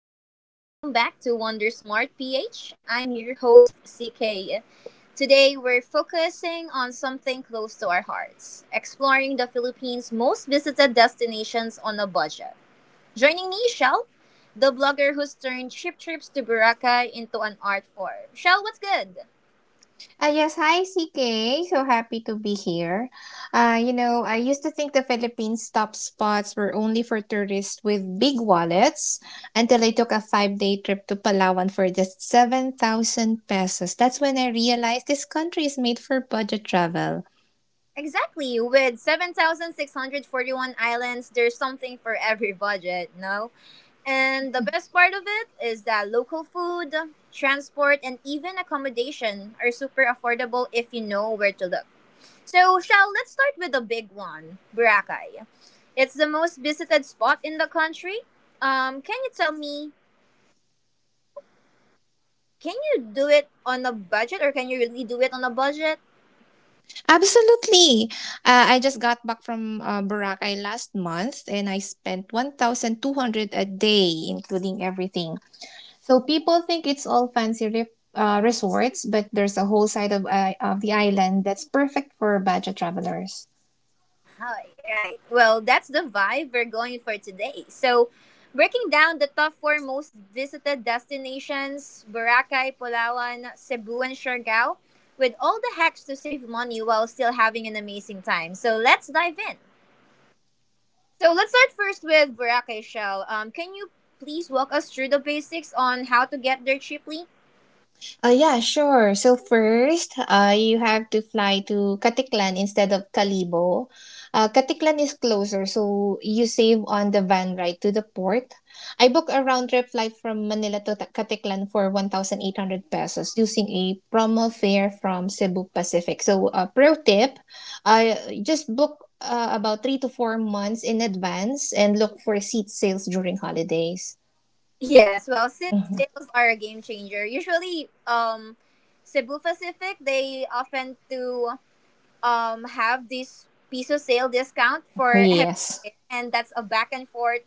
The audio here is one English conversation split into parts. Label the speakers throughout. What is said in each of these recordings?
Speaker 1: everyone, and welcome back to Wonder Smart PH. I'm your host, CK. Today we're focusing on something close to our hearts exploring the Philippines' most visited destinations on a budget. Joining me, Shell, the blogger who's turned cheap trips to Boracay into an art form. Shell, what's good?
Speaker 2: Yes, hi CK. So happy to be here. I used to think the Philippines' top spots were only for tourists with big wallets until I took a 5-day trip to Palawan for just 7,000 pesos. That's when I realized this country is made for budget travel.
Speaker 1: Exactly. With 7,641 islands, there's something for every budget, no? And the best part of it is that local food, transport, and even accommodation are super affordable if you know where to look. So, shall let's start with the big one, Boracay. It's the most visited spot in the country. Can you tell me, can you do it on a budget or can you really do it on a budget?
Speaker 2: Absolutely. I just got back from Boracay last month and I spent 1,200 a day, including everything. So people think it's all fancy resorts, but there's a whole side of the island that's perfect for budget travelers.
Speaker 1: Oh, right. Well, that's the vibe we're going for today. So, breaking down the top four most visited destinations Boracay, Palawan, Cebu, and Siargao with all the hacks to save money while still having an amazing time. So, let's dive in. So, let's start first with Boracay Shell. Can you please walk us through the basics on how to get there cheaply?
Speaker 2: Yeah, sure. So first, you have to fly to Katiklan instead of Kalibo. Katiklan is closer, so you save on the van ride to the port. I booked a round trip flight from Manila to Katiklan for 1,800 pesos using a promo fare from Cebu Pacific. So, pro tip, I just book about 3 to 4 months in advance and look for seat sales during holidays.
Speaker 1: Yes, well, sit
Speaker 2: Mhm.
Speaker 1: sales are a game changer. Usually, Cebu Pacific, they often do have this piso sale discount for every
Speaker 2: Yes.
Speaker 1: fare, and that's a back and forth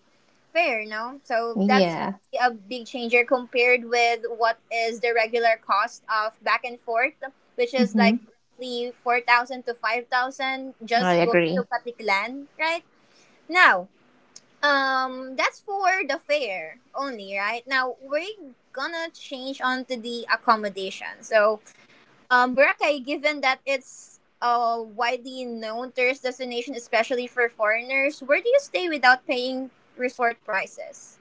Speaker 1: fare, no? So that's
Speaker 2: Yeah.
Speaker 1: really a big changer compared with what is the regular cost of back and forth, which is
Speaker 2: Mm-hmm.
Speaker 1: like roughly 4,000 to 5,000
Speaker 2: I
Speaker 1: just going to
Speaker 2: agree.
Speaker 1: Patiklan, right? Now, that's for the fare only, right? Now we're gonna change on to the accommodation. So, Boracay, given that it's a widely known tourist destination, especially for foreigners, where do you stay without paying resort prices?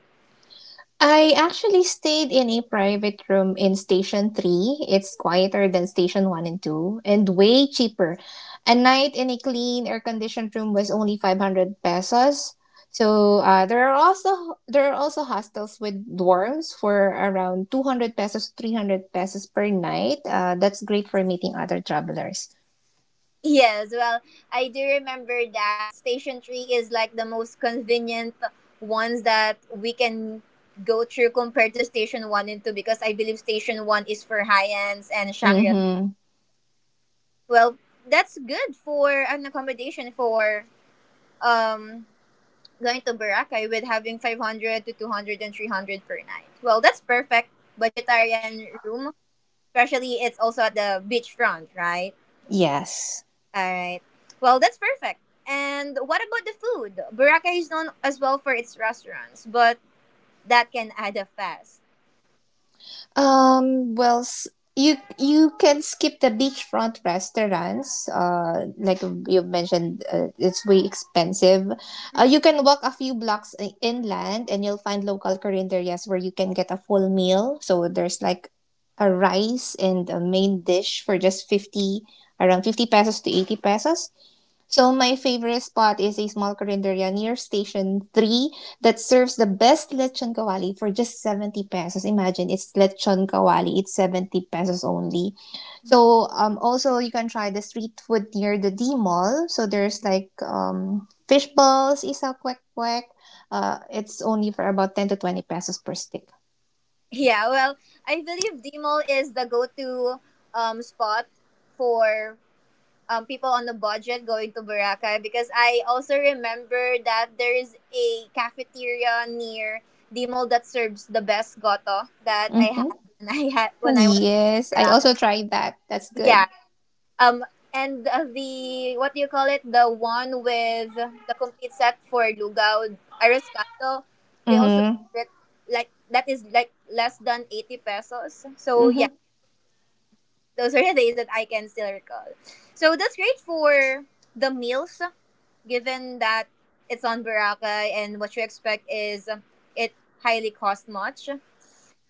Speaker 2: I actually stayed in a private room in Station 3. It's quieter than Station 1 and 2 and way cheaper. A night in a clean air conditioned room was only 500 pesos. So there are also hostels with dorms for around 200 pesos 300 pesos per night. That's great for meeting other travelers.
Speaker 1: Yes, well, I do remember that Station 3 is like the most convenient ones that we can go through compared to Station 1 and 2 because I believe Station 1 is for high-ends and Shangri-La.
Speaker 2: Mhm.
Speaker 1: Well, that's good for an accommodation for um going to Boracay with having 500 to 200 and 300 per night. Well, that's perfect budgetarian room, especially it's also at the beachfront, right?
Speaker 2: Yes.
Speaker 1: All right. Well, that's perfect. And what about the food? Boracay is known as well for its restaurants, but that can add up fast.
Speaker 2: Well, you can skip the beachfront restaurants. Like you mentioned, it's way expensive. You can walk a few blocks inland, and you'll find local carinderias where you can get a full meal. So there's like a rice and a main dish for just 50, around 50 pesos to 80 pesos. So my favorite spot is a small carinderia near Station 3 that serves the best lechon kawali for just 70 pesos. Imagine, it's lechon kawali. It's 70 pesos only. So also you can try the street food near the D Mall. So there's like fish balls, isa kwek kwek. It's only for about 10 to 20 pesos per stick.
Speaker 1: Yeah, well, I believe Dimol is the go-to spot for people on the budget going to Boracay because I also remember that there is a cafeteria near the mall that serves the best goto that I had
Speaker 2: Mm-hmm.
Speaker 1: when I was
Speaker 2: Yes,
Speaker 1: in
Speaker 2: I
Speaker 1: Boracay.
Speaker 2: also tried that. That's good.
Speaker 1: Yeah. Um and the what do you call it? The one with the complete set for Lugao Ariscaldo, they also
Speaker 2: Mm-hmm.
Speaker 1: serve it like that is like less than 80 pesos. So yeah,
Speaker 2: Mm-hmm.
Speaker 1: those are the days that I can still recall. So that's great for the meals, given that it's on Boracay and what you expect is it highly cost much.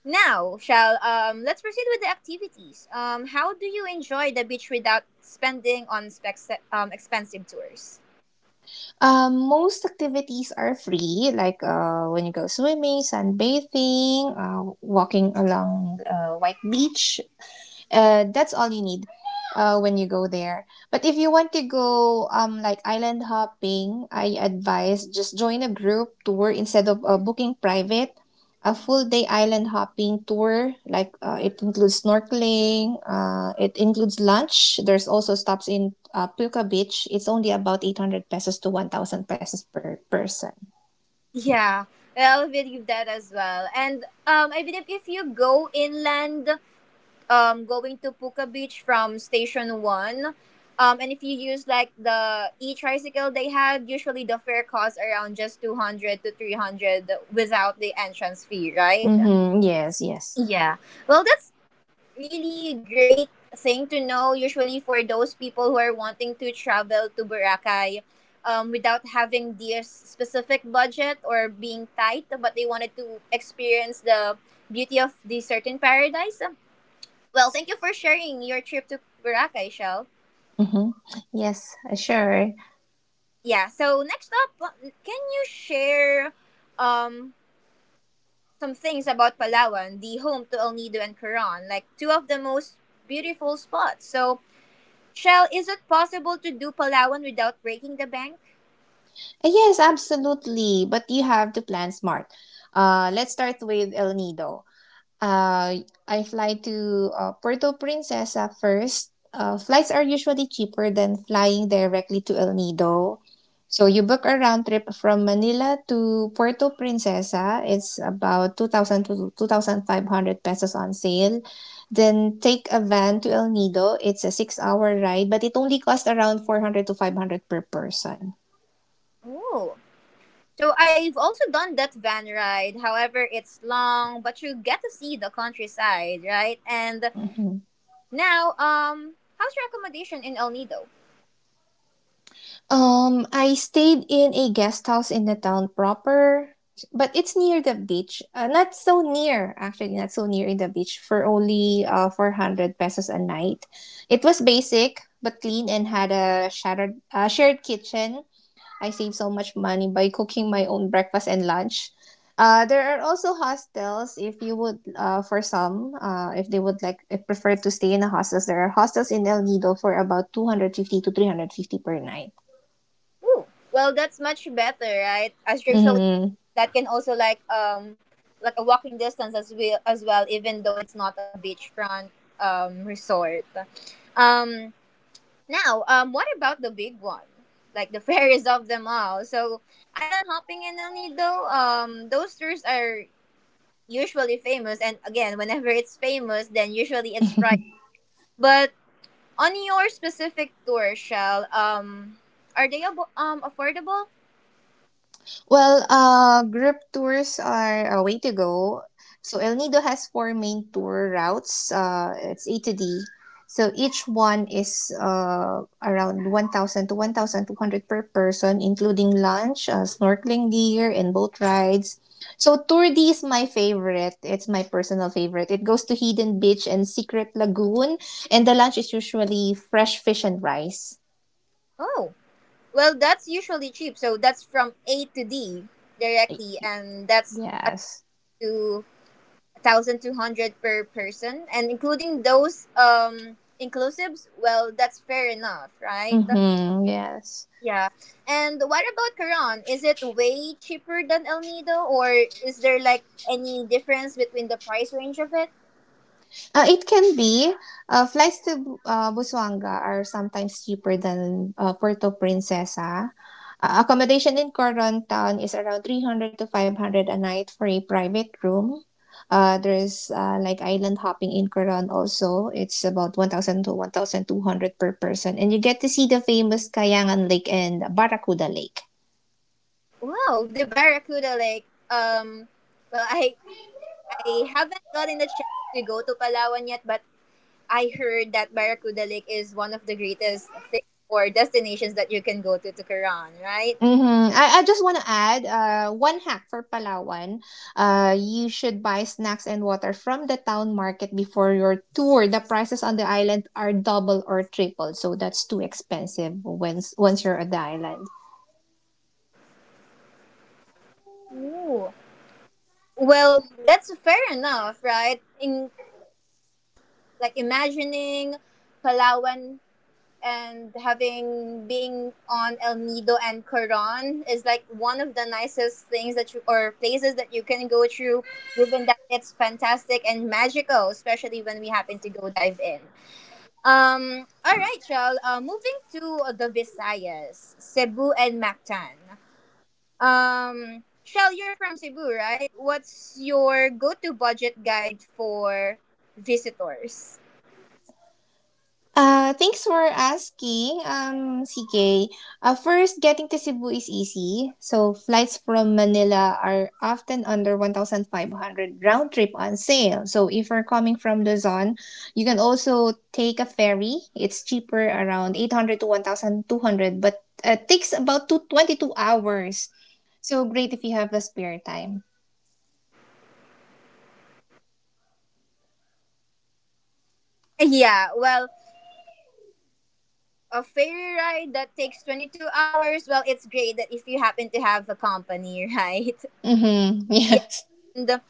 Speaker 1: Now, shall let's proceed with the activities. How do you enjoy the beach without spending on expensive tours?
Speaker 2: Most activities are free, like when you go swimming, sunbathing, walking along white beach, that's all you need when you go there. But if you want to go like island hopping, I advise just join a group tour instead of booking private. A full day island hopping tour, like it includes snorkeling, it includes lunch. There's also stops in Pulka Beach. It's only about 800 pesos to 1,000 pesos per person.
Speaker 1: Yeah, well, I believe that as well. And I believe if you go inland, going to Puka Beach from Station 1. And if you use like the e tricycle they have, usually the fare costs around just 200 to 300 without the entrance fee, right?
Speaker 2: Mm-hmm. Yes, yes.
Speaker 1: Yeah. Well, that's really great thing to know. Usually for those people who are wanting to travel to Boracay, without having this specific budget or being tight, but they wanted to experience the beauty of the certain paradise. Well, thank you for sharing your trip to Boracay, Shell.
Speaker 2: Mm-hmm. Yes, sure.
Speaker 1: Yeah, so next up, can you share um, some things about Palawan, the home to El Nido and Coron, like two of the most beautiful spots? So, Shell, is it possible to do Palawan without breaking the bank?
Speaker 2: Yes, absolutely. But you have to plan smart. Let's start with El Nido. I fly to Puerto Princesa first. Flights are usually cheaper than flying directly to El Nido. So you book a round trip from Manila to Puerto Princesa. It's about 2,000 to 2,500 pesos on sale. Then take a van to El Nido. It's a 6-hour ride, but it only costs around 400 to 500 per person.
Speaker 1: Oh. So I've also done that van ride. However, it's long, but you get to see the countryside, right? And
Speaker 2: Mhm.
Speaker 1: now, how's your accommodation in El Nido?
Speaker 2: I stayed in a guest house in the town proper, but it's near the beach. Not so near, actually, not so near in the beach for only 400 pesos a night. It was basic, but clean and had a shared kitchen. I saved so much money by cooking my own breakfast and lunch. There are also hostels if you would, for some, if they would like, if prefer to stay in a hostels. There are hostels in El Nido for about 250 to 350 per night.
Speaker 1: Ooh, well, that's much better, right? As usually,
Speaker 2: Hmm.
Speaker 1: that can also like a walking distance as well, even though it's not a beachfront resort. Um, Now, what about the big one? Like the fairest of them all. So, island hopping in El Nido. Those tours are usually famous, and again, whenever it's famous, then usually it's priced. But on your specific tour, Shell, are they affordable?
Speaker 2: Well, group tours are a way to go. So El Nido has four main tour routes. It's A to D. So each one is around 1,000 to 1,200 per person, including lunch, snorkeling gear, and boat rides. So Tour D is my favorite. It's my personal favorite. It goes to Hidden Beach and Secret Lagoon, and the lunch is usually fresh fish and rice.
Speaker 1: Oh, well, that's usually cheap. So that's from A to D directly, and that's up
Speaker 2: Yes.
Speaker 1: to 1,200 per person, and including those inclusives. Well, that's fair enough, right?
Speaker 2: Mm-hmm. Yes.
Speaker 1: Yeah. And what about Quran? Is it way cheaper than El Nido, or is there like any difference between the price range of it?
Speaker 2: It can be. Flights to Busuanga are sometimes cheaper than Puerto Princesa. Accommodation in Coron Town is around 300 to 500 a night for a private room. There's like island hopping in Coron also. It's about 1,000 to 1,200 per person. And you get to see the famous Kayangan Lake and Barracuda Lake.
Speaker 1: Wow, the Barracuda Lake. Well, I haven't gotten the chance to go to Palawan yet, but I heard that Barracuda Lake is one of the greatest thing or destinations that you can go to Quran, right?
Speaker 2: Hmm. I just want to add one hack for Palawan. You should buy snacks and water from the town market before your tour. The prices on the island are double or triple, so that's too expensive once you're on the island.
Speaker 1: Ooh. Well, that's fair enough, right? In like imagining Palawan and having being on El Nido and Quran is like one of the nicest things that you or places that you can go through given that it's fantastic and magical, especially when we happen to go dive in. All right, y'all. Moving to the Visayas, Cebu and Mactan. Shell, you're from Cebu, right? What's your go-to budget guide for visitors?
Speaker 2: Thanks for asking, CK. First, getting to Cebu is easy. So, flights from Manila are often under 1,500 round trip on sale. So, if you're coming from Luzon, you can also take a ferry. It's cheaper around 800 to 1,200, but takes about two 22 hours. So, great if you have the spare time.
Speaker 1: Yeah, well, a ferry ride that takes 22 hours, well, it's great that if you happen to have a company, right?
Speaker 2: Mm-hmm.
Speaker 1: Yeah,
Speaker 2: Yes.
Speaker 1: and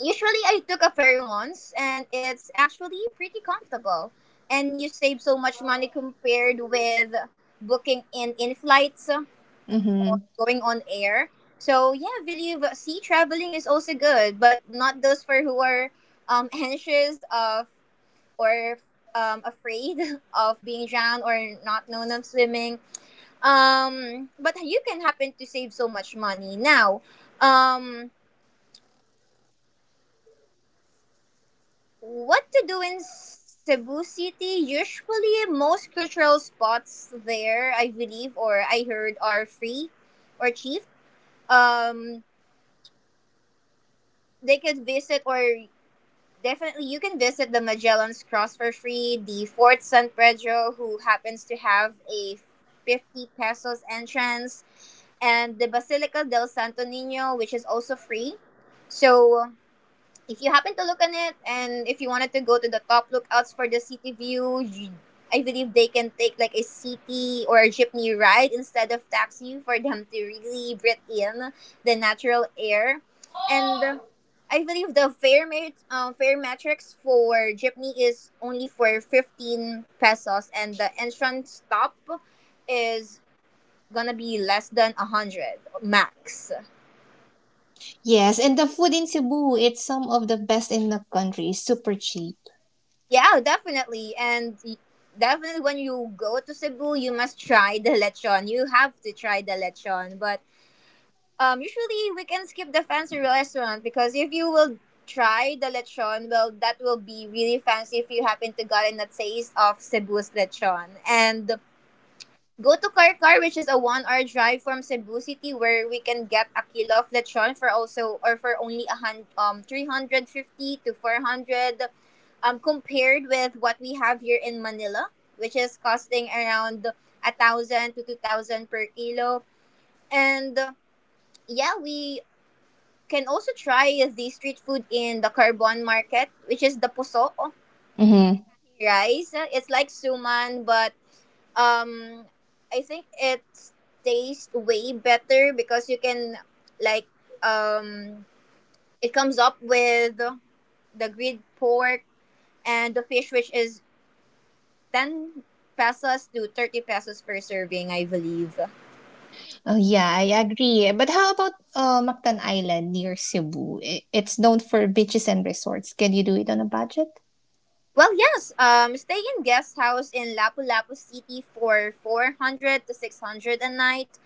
Speaker 1: usually, I took a ferry once, and it's actually pretty comfortable. And you save so much money compared with booking in flights,
Speaker 2: Mm-hmm.
Speaker 1: going on air. So yeah, believe sea traveling is also good, but not those for who are anxious of or afraid of being drowned or not known of swimming. But you can happen to save so much money now. Um, what to do in Cebu City. Usually, most cultural spots there, I believe, or I heard, are free or cheap. Um, they could visit, or definitely you can visit the Magellan's Cross for free, the Fort San Pedro, who happens to have a 50 pesos entrance, and the Basilica del Santo Nino, which is also free. So, if you happen to look on it and if you wanted to go to the top lookouts for the city view, I believe they can take like a city or a jeepney ride instead of taxi for them to really breathe in the natural air, and I believe the fare metrics for jeepney is only for 15 pesos, and the entrance stop is gonna be less than 100 max.
Speaker 2: Yes, and the food in Cebu, it's some of the best in the country. Super cheap.
Speaker 1: Yeah, definitely. And definitely when you go to Cebu, you must try the lechon. You have to try the lechon. But usually we can skip the fancy restaurant because if you will try the lechon, well, that will be really fancy if you happen to gotten a taste of Cebu's lechon. And go to Karkar, which is a one-hour drive from Cebu City, where we can get a kilo of lechon for also or for only 350 to 400, compared with what we have here in Manila, which is costing around 1,000 to 2,000 per kilo. And yeah, we can also try the street food in the Carbon Market, which is the puso
Speaker 2: Mm-hmm.
Speaker 1: rice. It's like suman, but um I think it tastes way better because you can like um it comes up with the grilled pork and the fish, which is 10 pesos to 30 pesos per serving, I believe.
Speaker 2: Oh, yeah, I agree. But how about Mactan Island near Cebu? It's known for beaches and resorts. Can you do it on a budget?
Speaker 1: Well, yes. Stay in guest house in Lapu-Lapu City for 400 to 600 a night.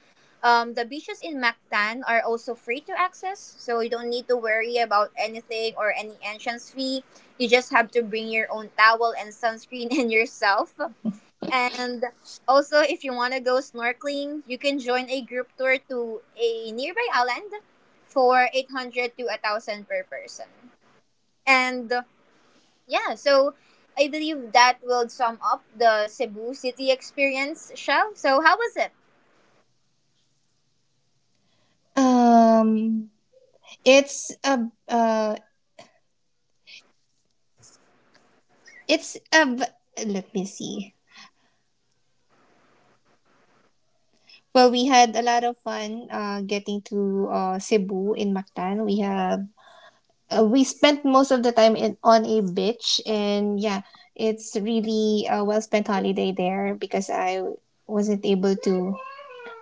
Speaker 1: The beaches in Mactan are also free to access, so you don't need to worry about anything or any entrance fee. You just have to bring your own towel and sunscreen and yourself. And also, if you want to go snorkeling, you can join a group tour to a nearby island for 800 to 1000 per person. And yeah, so I believe that will sum up the Cebu City experience, Shell. So how was it?
Speaker 2: Um, it's a, uh, it's a, b- Let me see. Well, we had a lot of fun getting to Cebu in Mactan. We spent most of the time on a beach and yeah, it's really a well spent holiday there because I wasn't able to,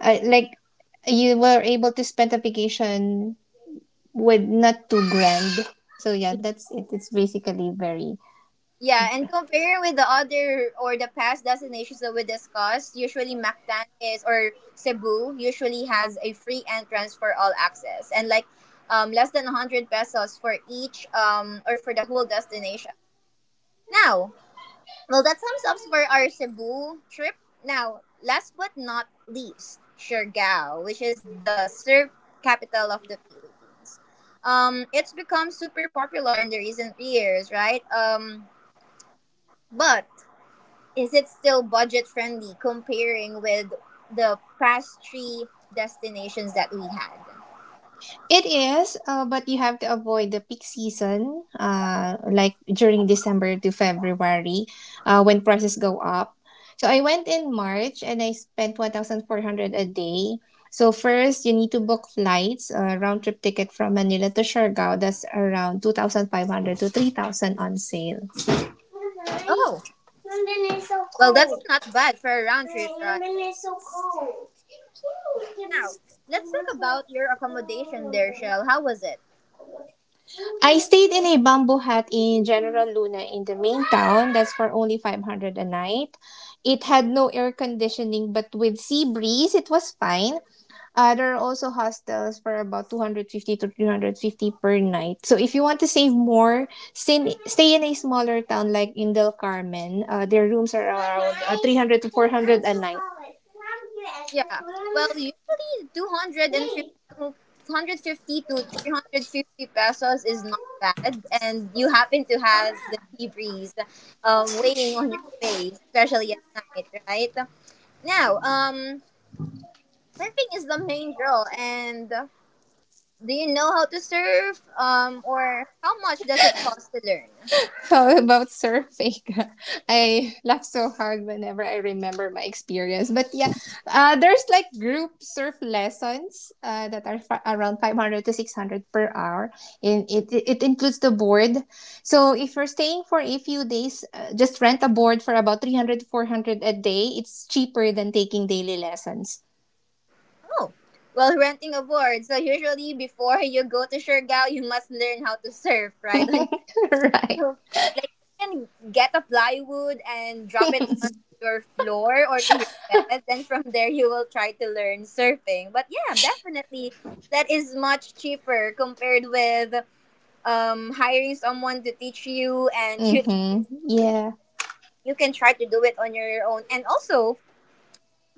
Speaker 2: I, like, you were able to spend a vacation with not too grand. So yeah, that's it. It's basically very.
Speaker 1: Yeah, and compare with the other or the past destinations that we discussed, usually Mactan is or Cebu usually has a free entrance for all access and like less than 100 pesos for each or for the whole destination. Now, well, that sums up for our Cebu trip. Now, last but not least, Siargao, which is the surf capital of the Philippines. It's become super popular in the recent years, right? But is it still budget friendly comparing with the past three destinations that we had?
Speaker 2: It is, but you have to avoid the peak season, like during December to February, when prices go up. So I went in March and I spent 1,400 a day. So first, you need to book flights, a round trip ticket from Manila to Siargao. That's around 2,500 to 3,000 on sale.
Speaker 1: Oh, well, that's not bad for a round trip, right? Now, let's talk about your accommodation there, Shell. How was it?
Speaker 2: I stayed in a bamboo hut in General Luna in the main town. That's for only 500 a night. It had no air conditioning, but with sea breeze, it was fine. There are also hostels for about 250 to 350 per night. So if you want to save more, stay in a smaller town like in Del Carmen. Their rooms are around 300 to 400 a night.
Speaker 1: Yeah. Well, usually 250, to 250 to 350 pesos is not bad. And you happen to have the sea breeze weighing on your face, especially at night, right? Now, surfing is the main draw. And do you know how to surf? Or how much does it cost to learn?
Speaker 2: How about surfing? I laugh so hard whenever I remember my experience. But yeah, there's like group surf lessons that are around 500 to 600 per hour. And it includes the board. So if you're staying for a few days, just rent a board for about 300 to 400 a day. It's cheaper than taking daily lessons.
Speaker 1: Oh, well, renting a board. So usually before you go to Surigao, you must learn how to surf, right?
Speaker 2: Right.
Speaker 1: So, like you can get a plywood and drop it on your floor or to your bed. Then from there you will try to learn surfing, but yeah, definitely that is much cheaper compared with hiring someone to teach you. And you,
Speaker 2: Mm-hmm. Yeah.
Speaker 1: you can try to do it on your own. And also,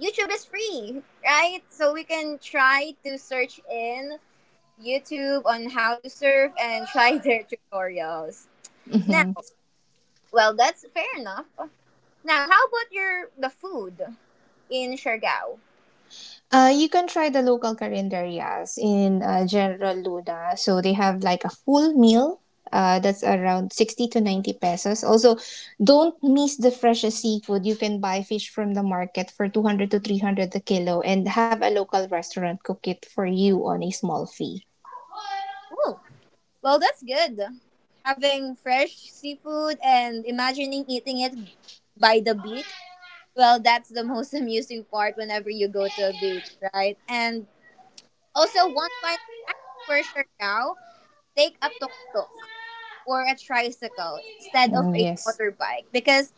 Speaker 1: YouTube is free, right? So we can try to search in YouTube on how to surf and try their tutorials. Now,
Speaker 2: Mm-hmm.
Speaker 1: well, that's fair enough. Now, how about your the food in Siargao?
Speaker 2: You can try the local carinderias in General Luna. So they have like a full meal. That's around 60 to 90 pesos. Also, don't miss the freshest seafood. You can buy fish from the market for 200 to 300 a kilo and have a local restaurant cook it for you on a small fee.
Speaker 1: Oh, well, that's good. Having fresh seafood and imagining eating it by the beach. Well, that's the most amusing part whenever you go to a beach, right? And also, one final hack for Siargao, take a tuk-tuk or a tricycle instead of
Speaker 2: Mm,
Speaker 1: a
Speaker 2: yes.
Speaker 1: motorbike because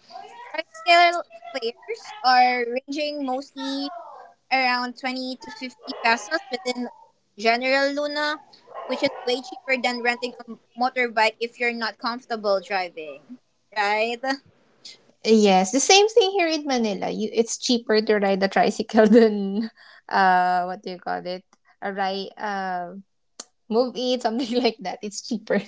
Speaker 1: tricycle fares are ranging mostly around 20 to 50 pesos within General Luna, which is way cheaper than renting a motorbike if you're not comfortable driving, right?
Speaker 2: Yes, the same thing here in Manila. It's cheaper to ride a tricycle than, what do you call it? A ride, move it, something like that. It's cheaper.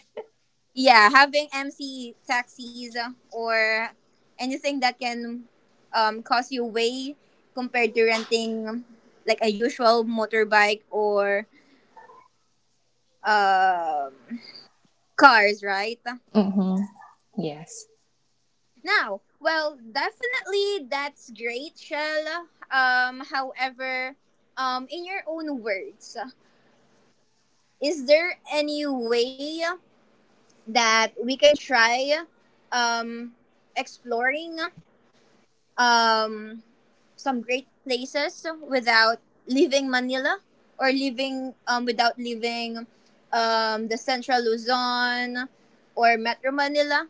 Speaker 1: Yeah, having MC taxis or anything that can cost you way compared to renting like a usual motorbike or um cars, right?
Speaker 2: Mm-hmm. Yes.
Speaker 1: Now, well, definitely that's great, Shell. However, in your own words, is there any way that we can try um, exploring um, some great places without leaving Manila or leaving without leaving the Central Luzon or Metro Manila?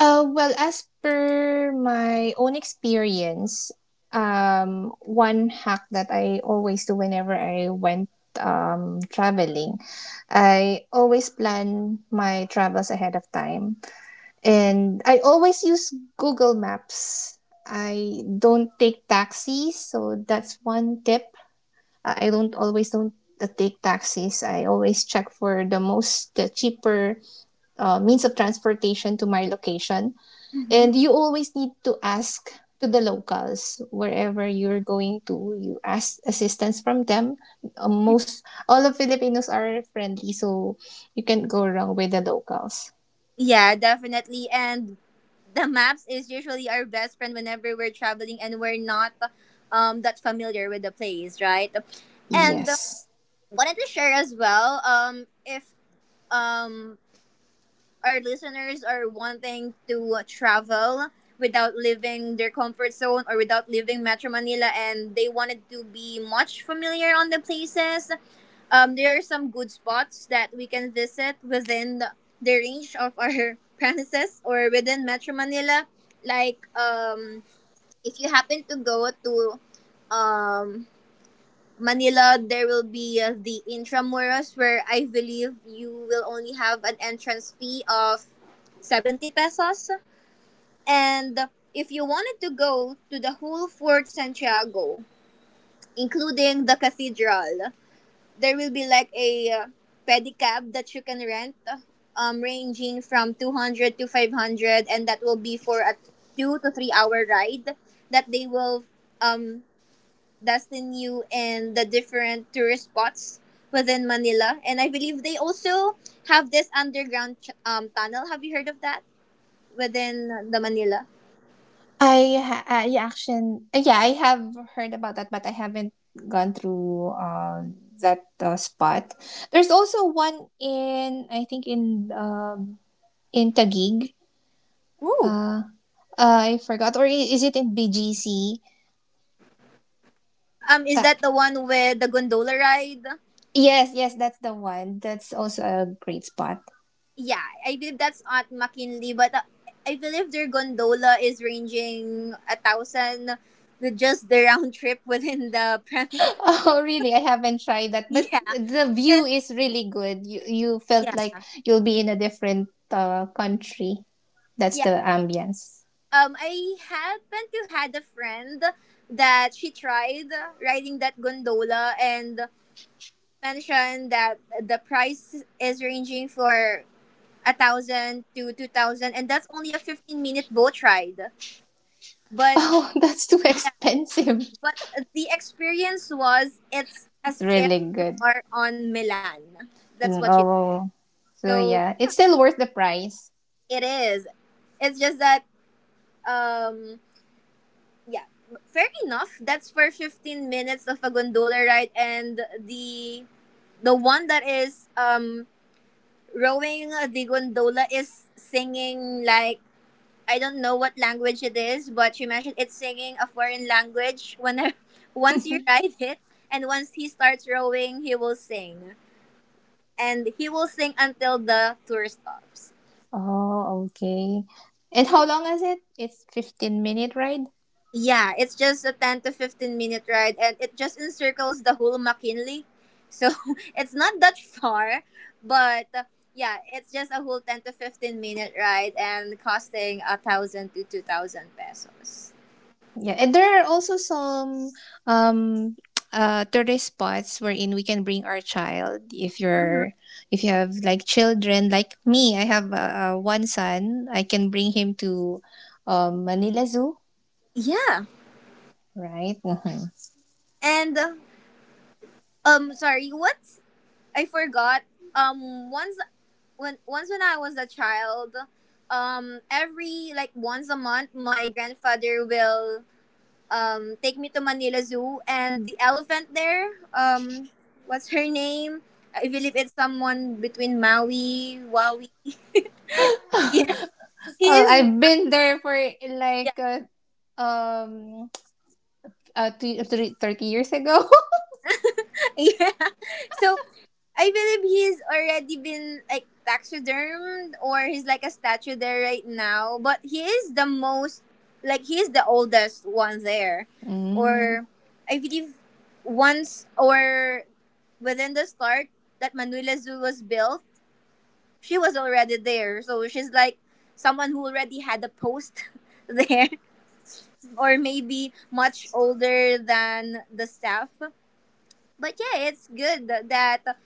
Speaker 2: Well, as per my own experience, one hack that I always do whenever I went traveling, I always plan my travels ahead of time. And I always use Google Maps. I don't take taxis. So that's one tip. I don't always don't take taxis. I always check for the cheaper means of transportation to my location.
Speaker 1: Hmm.
Speaker 2: And you always need to ask to the locals wherever you're going to. You ask assistance from them. Most all of Filipinos are friendly, so you can't go wrong with the locals.
Speaker 1: Yeah, definitely. And the maps is usually our best friend whenever we're traveling and we're not that familiar with the place, right? And
Speaker 2: Yes.
Speaker 1: wanted to share as well if um our listeners are wanting to travel without leaving their comfort zone or without leaving Metro Manila and they wanted to be much familiar on the places. There are some good spots that we can visit within the range of our premises or within Metro Manila. Like, if you happen to go to um, Manila, there will be the Intramuros, where I believe you will only have an entrance fee of 70 pesos. And if you wanted to go to the whole Fort Santiago, including the cathedral, there will be like a pedicab that you can rent ranging from 200 to 500, and that will be for a 2 to 3 hour ride that they will um destine you in the different tourist spots within Manila. And I believe they also have this underground tunnel. Have you heard of that within the Manila?
Speaker 2: I action, yeah, I have heard about that, but I haven't gone through that spot. There's also one in, I think, in Taguig.
Speaker 1: Ooh.
Speaker 2: Uh, I forgot, or is it in BGC?
Speaker 1: Is
Speaker 2: Uh,
Speaker 1: that the one with the gondola ride?
Speaker 2: Yes, yes, that's the one. That's also a great spot.
Speaker 1: Yeah, I believe that's at McKinley, but I believe their gondola is ranging 1,000 with just the round trip within the premises.
Speaker 2: Oh, really? I haven't tried that, but
Speaker 1: Yeah,
Speaker 2: the view
Speaker 1: 'cause-
Speaker 2: is really good. You felt
Speaker 1: yeah,
Speaker 2: like you'll be in a different country. That's
Speaker 1: yeah.
Speaker 2: the ambience.
Speaker 1: I happen to had a friend that she tried riding that gondola and mentioned that the price is ranging for 1,000 to 2,000, and that's only a 15 minute boat ride. But
Speaker 2: Oh, that's too expensive.
Speaker 1: But the experience was it's
Speaker 2: It's
Speaker 1: as if
Speaker 2: really
Speaker 1: you
Speaker 2: good.
Speaker 1: are on Milan. That's what
Speaker 2: Mm,
Speaker 1: she.
Speaker 2: oh, so
Speaker 1: So
Speaker 2: yeah, it's still worth the price.
Speaker 1: it is. It's just that um yeah, fair enough. That's for 15 minutes of a gondola ride, and the one that is rowing the gondola is singing like, I don't know what language it is, but she mentioned it's singing a foreign language when once you ride it, and once he starts rowing, he will sing. And he will sing until the tour stops.
Speaker 2: Oh, okay. And how long is it? It's 15-minute ride.
Speaker 1: Yeah, it's just a 10 to 15 minute ride and it just encircles the whole McKinley. So it's not that far, but yeah, it's just a whole 10 to 15 minute ride and costing 1,000 to 2,000 pesos.
Speaker 2: Yeah, and there are also some um tourist spots wherein we can bring our child if
Speaker 1: Mm-hmm.
Speaker 2: you're if you have like children like me, I have one son, I can bring him to Manila Zoo,
Speaker 1: Yeah.
Speaker 2: right? Hmm.
Speaker 1: And sorry, what I forgot. um once once when I was a child, every like once a month my grandfather will take me to Manila Zoo, and the elephant there, what's her name? I believe it's someone between Maui, Wawi. Yeah, he
Speaker 2: Oh,
Speaker 1: is.
Speaker 2: I've been there for
Speaker 1: Yeah,
Speaker 2: like um two, three, 30 years ago.
Speaker 1: yeah. So I believe he's already been like taxidermed, or he's like a statue there right now. But he is the most, like he is the oldest one there,
Speaker 2: Mm,
Speaker 1: or I believe once or within the start that Manila Zoo was built, she was already there. So she's like someone who already had a post there, or maybe much older than the staff. But yeah, it's good that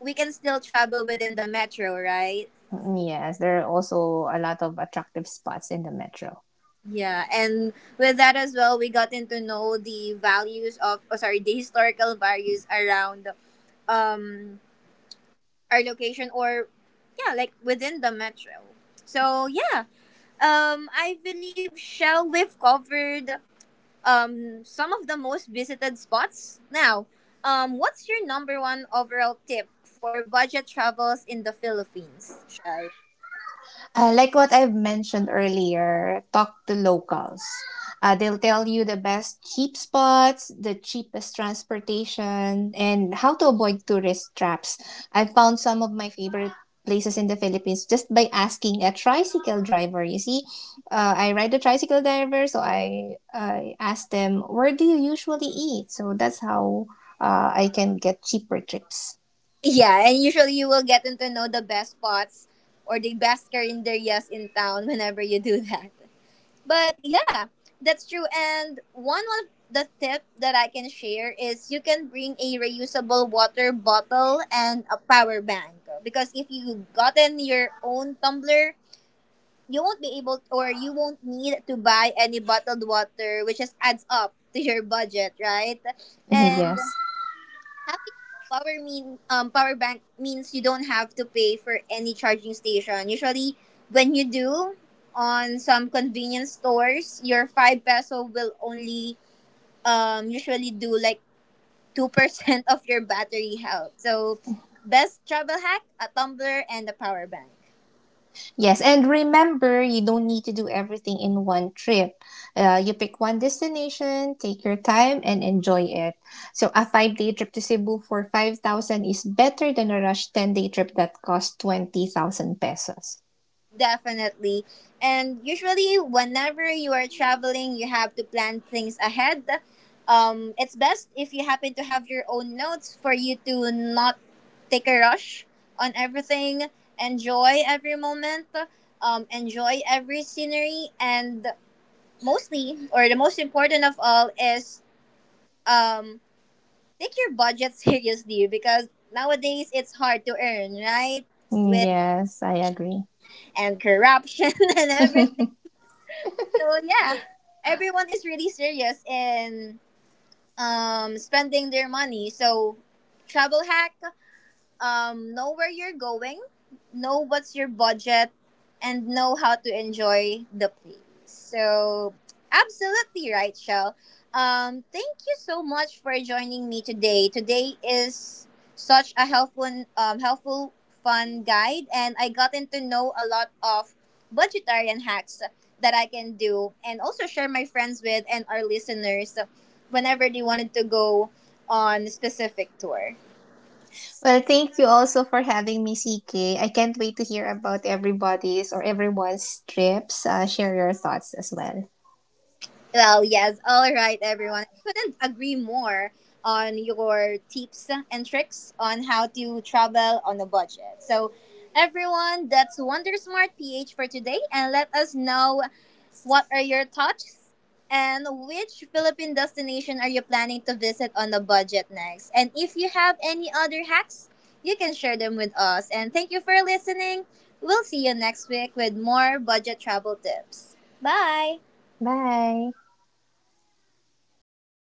Speaker 1: we can still travel within the metro, right?
Speaker 2: yes, there are also a lot of attractive spots in the metro.
Speaker 1: Yeah, and with that as well, we gotten to know the values of, oh, sorry, the historical values around um our location, or yeah, like within the metro. So yeah, I believe shall we've covered some of the most visited spots. Now, what's your number one overall tip for budget travels in the Philippines, Shell?
Speaker 2: Like what I've mentioned earlier, talk to locals. They'll tell you the best cheap spots, the cheapest transportation, and how to avoid tourist traps. I found some of my favorite places in the Philippines just by asking a tricycle driver. You see, I ride a tricycle driver, so I asked them, where do you usually eat? So that's how I can get cheaper trips.
Speaker 1: Yeah, and usually you will get to know the best spots or the best carinderias in town whenever you do that. But yeah, that's true. And one of the tip that I can share is you can bring a reusable water bottle and a power bank, because if you gotten your own tumbler, you won't be able or you won't need to buy any bottled water, which just adds up to your budget, right?
Speaker 2: Yes.
Speaker 1: And having a power bank means you don't have to pay for any charging station. Usually when you do on some convenience stores, your 5 peso will only usually do like 2% of your battery health. So best travel hack, a tumbler and a power bank.
Speaker 2: Yes, and remember, you don't need to do everything in one trip. You pick one destination, take your time, and enjoy it. So a five-day trip to Cebu for 5,000 is better than a rush 10-day trip that costs 20,000 pesos.
Speaker 1: Definitely. And usually, whenever you are traveling, you have to plan things ahead. It's best if you happen to have your own notes for you to not take a rush on everything. Enjoy every moment, enjoy every scenery, and mostly, or the most important of all, is um, take your budget seriously, because nowadays it's hard to earn, right? With
Speaker 2: Yes, I agree.
Speaker 1: and corruption and everything. So yeah, everyone is really serious in spending their money. So travel hack, know where you're going, know what's your budget, and know how to enjoy the place. So, absolutely right, Shell. Thank you so much for joining me today. Today is such a helpful, fun guide, and I gotten to know a lot of budgetarian hacks that I can do and also share my friends with and our listeners whenever they wanted to go on a specific tour.
Speaker 2: Well, thank you also for having me, CK. I can't wait to hear about everybody's or everyone's trips. Share your thoughts as well.
Speaker 1: Well, yes. All right, everyone. I couldn't agree more on your tips and tricks on how to travel on a budget. So, everyone, that's Wonder Smart PH for today. And let us know what are your thoughts and which Philippine destination are you planning to visit on a budget next. And if you have any other hacks, you can share them with us. And thank you for listening. We'll see you next week with more budget travel tips. Bye.
Speaker 2: Bye.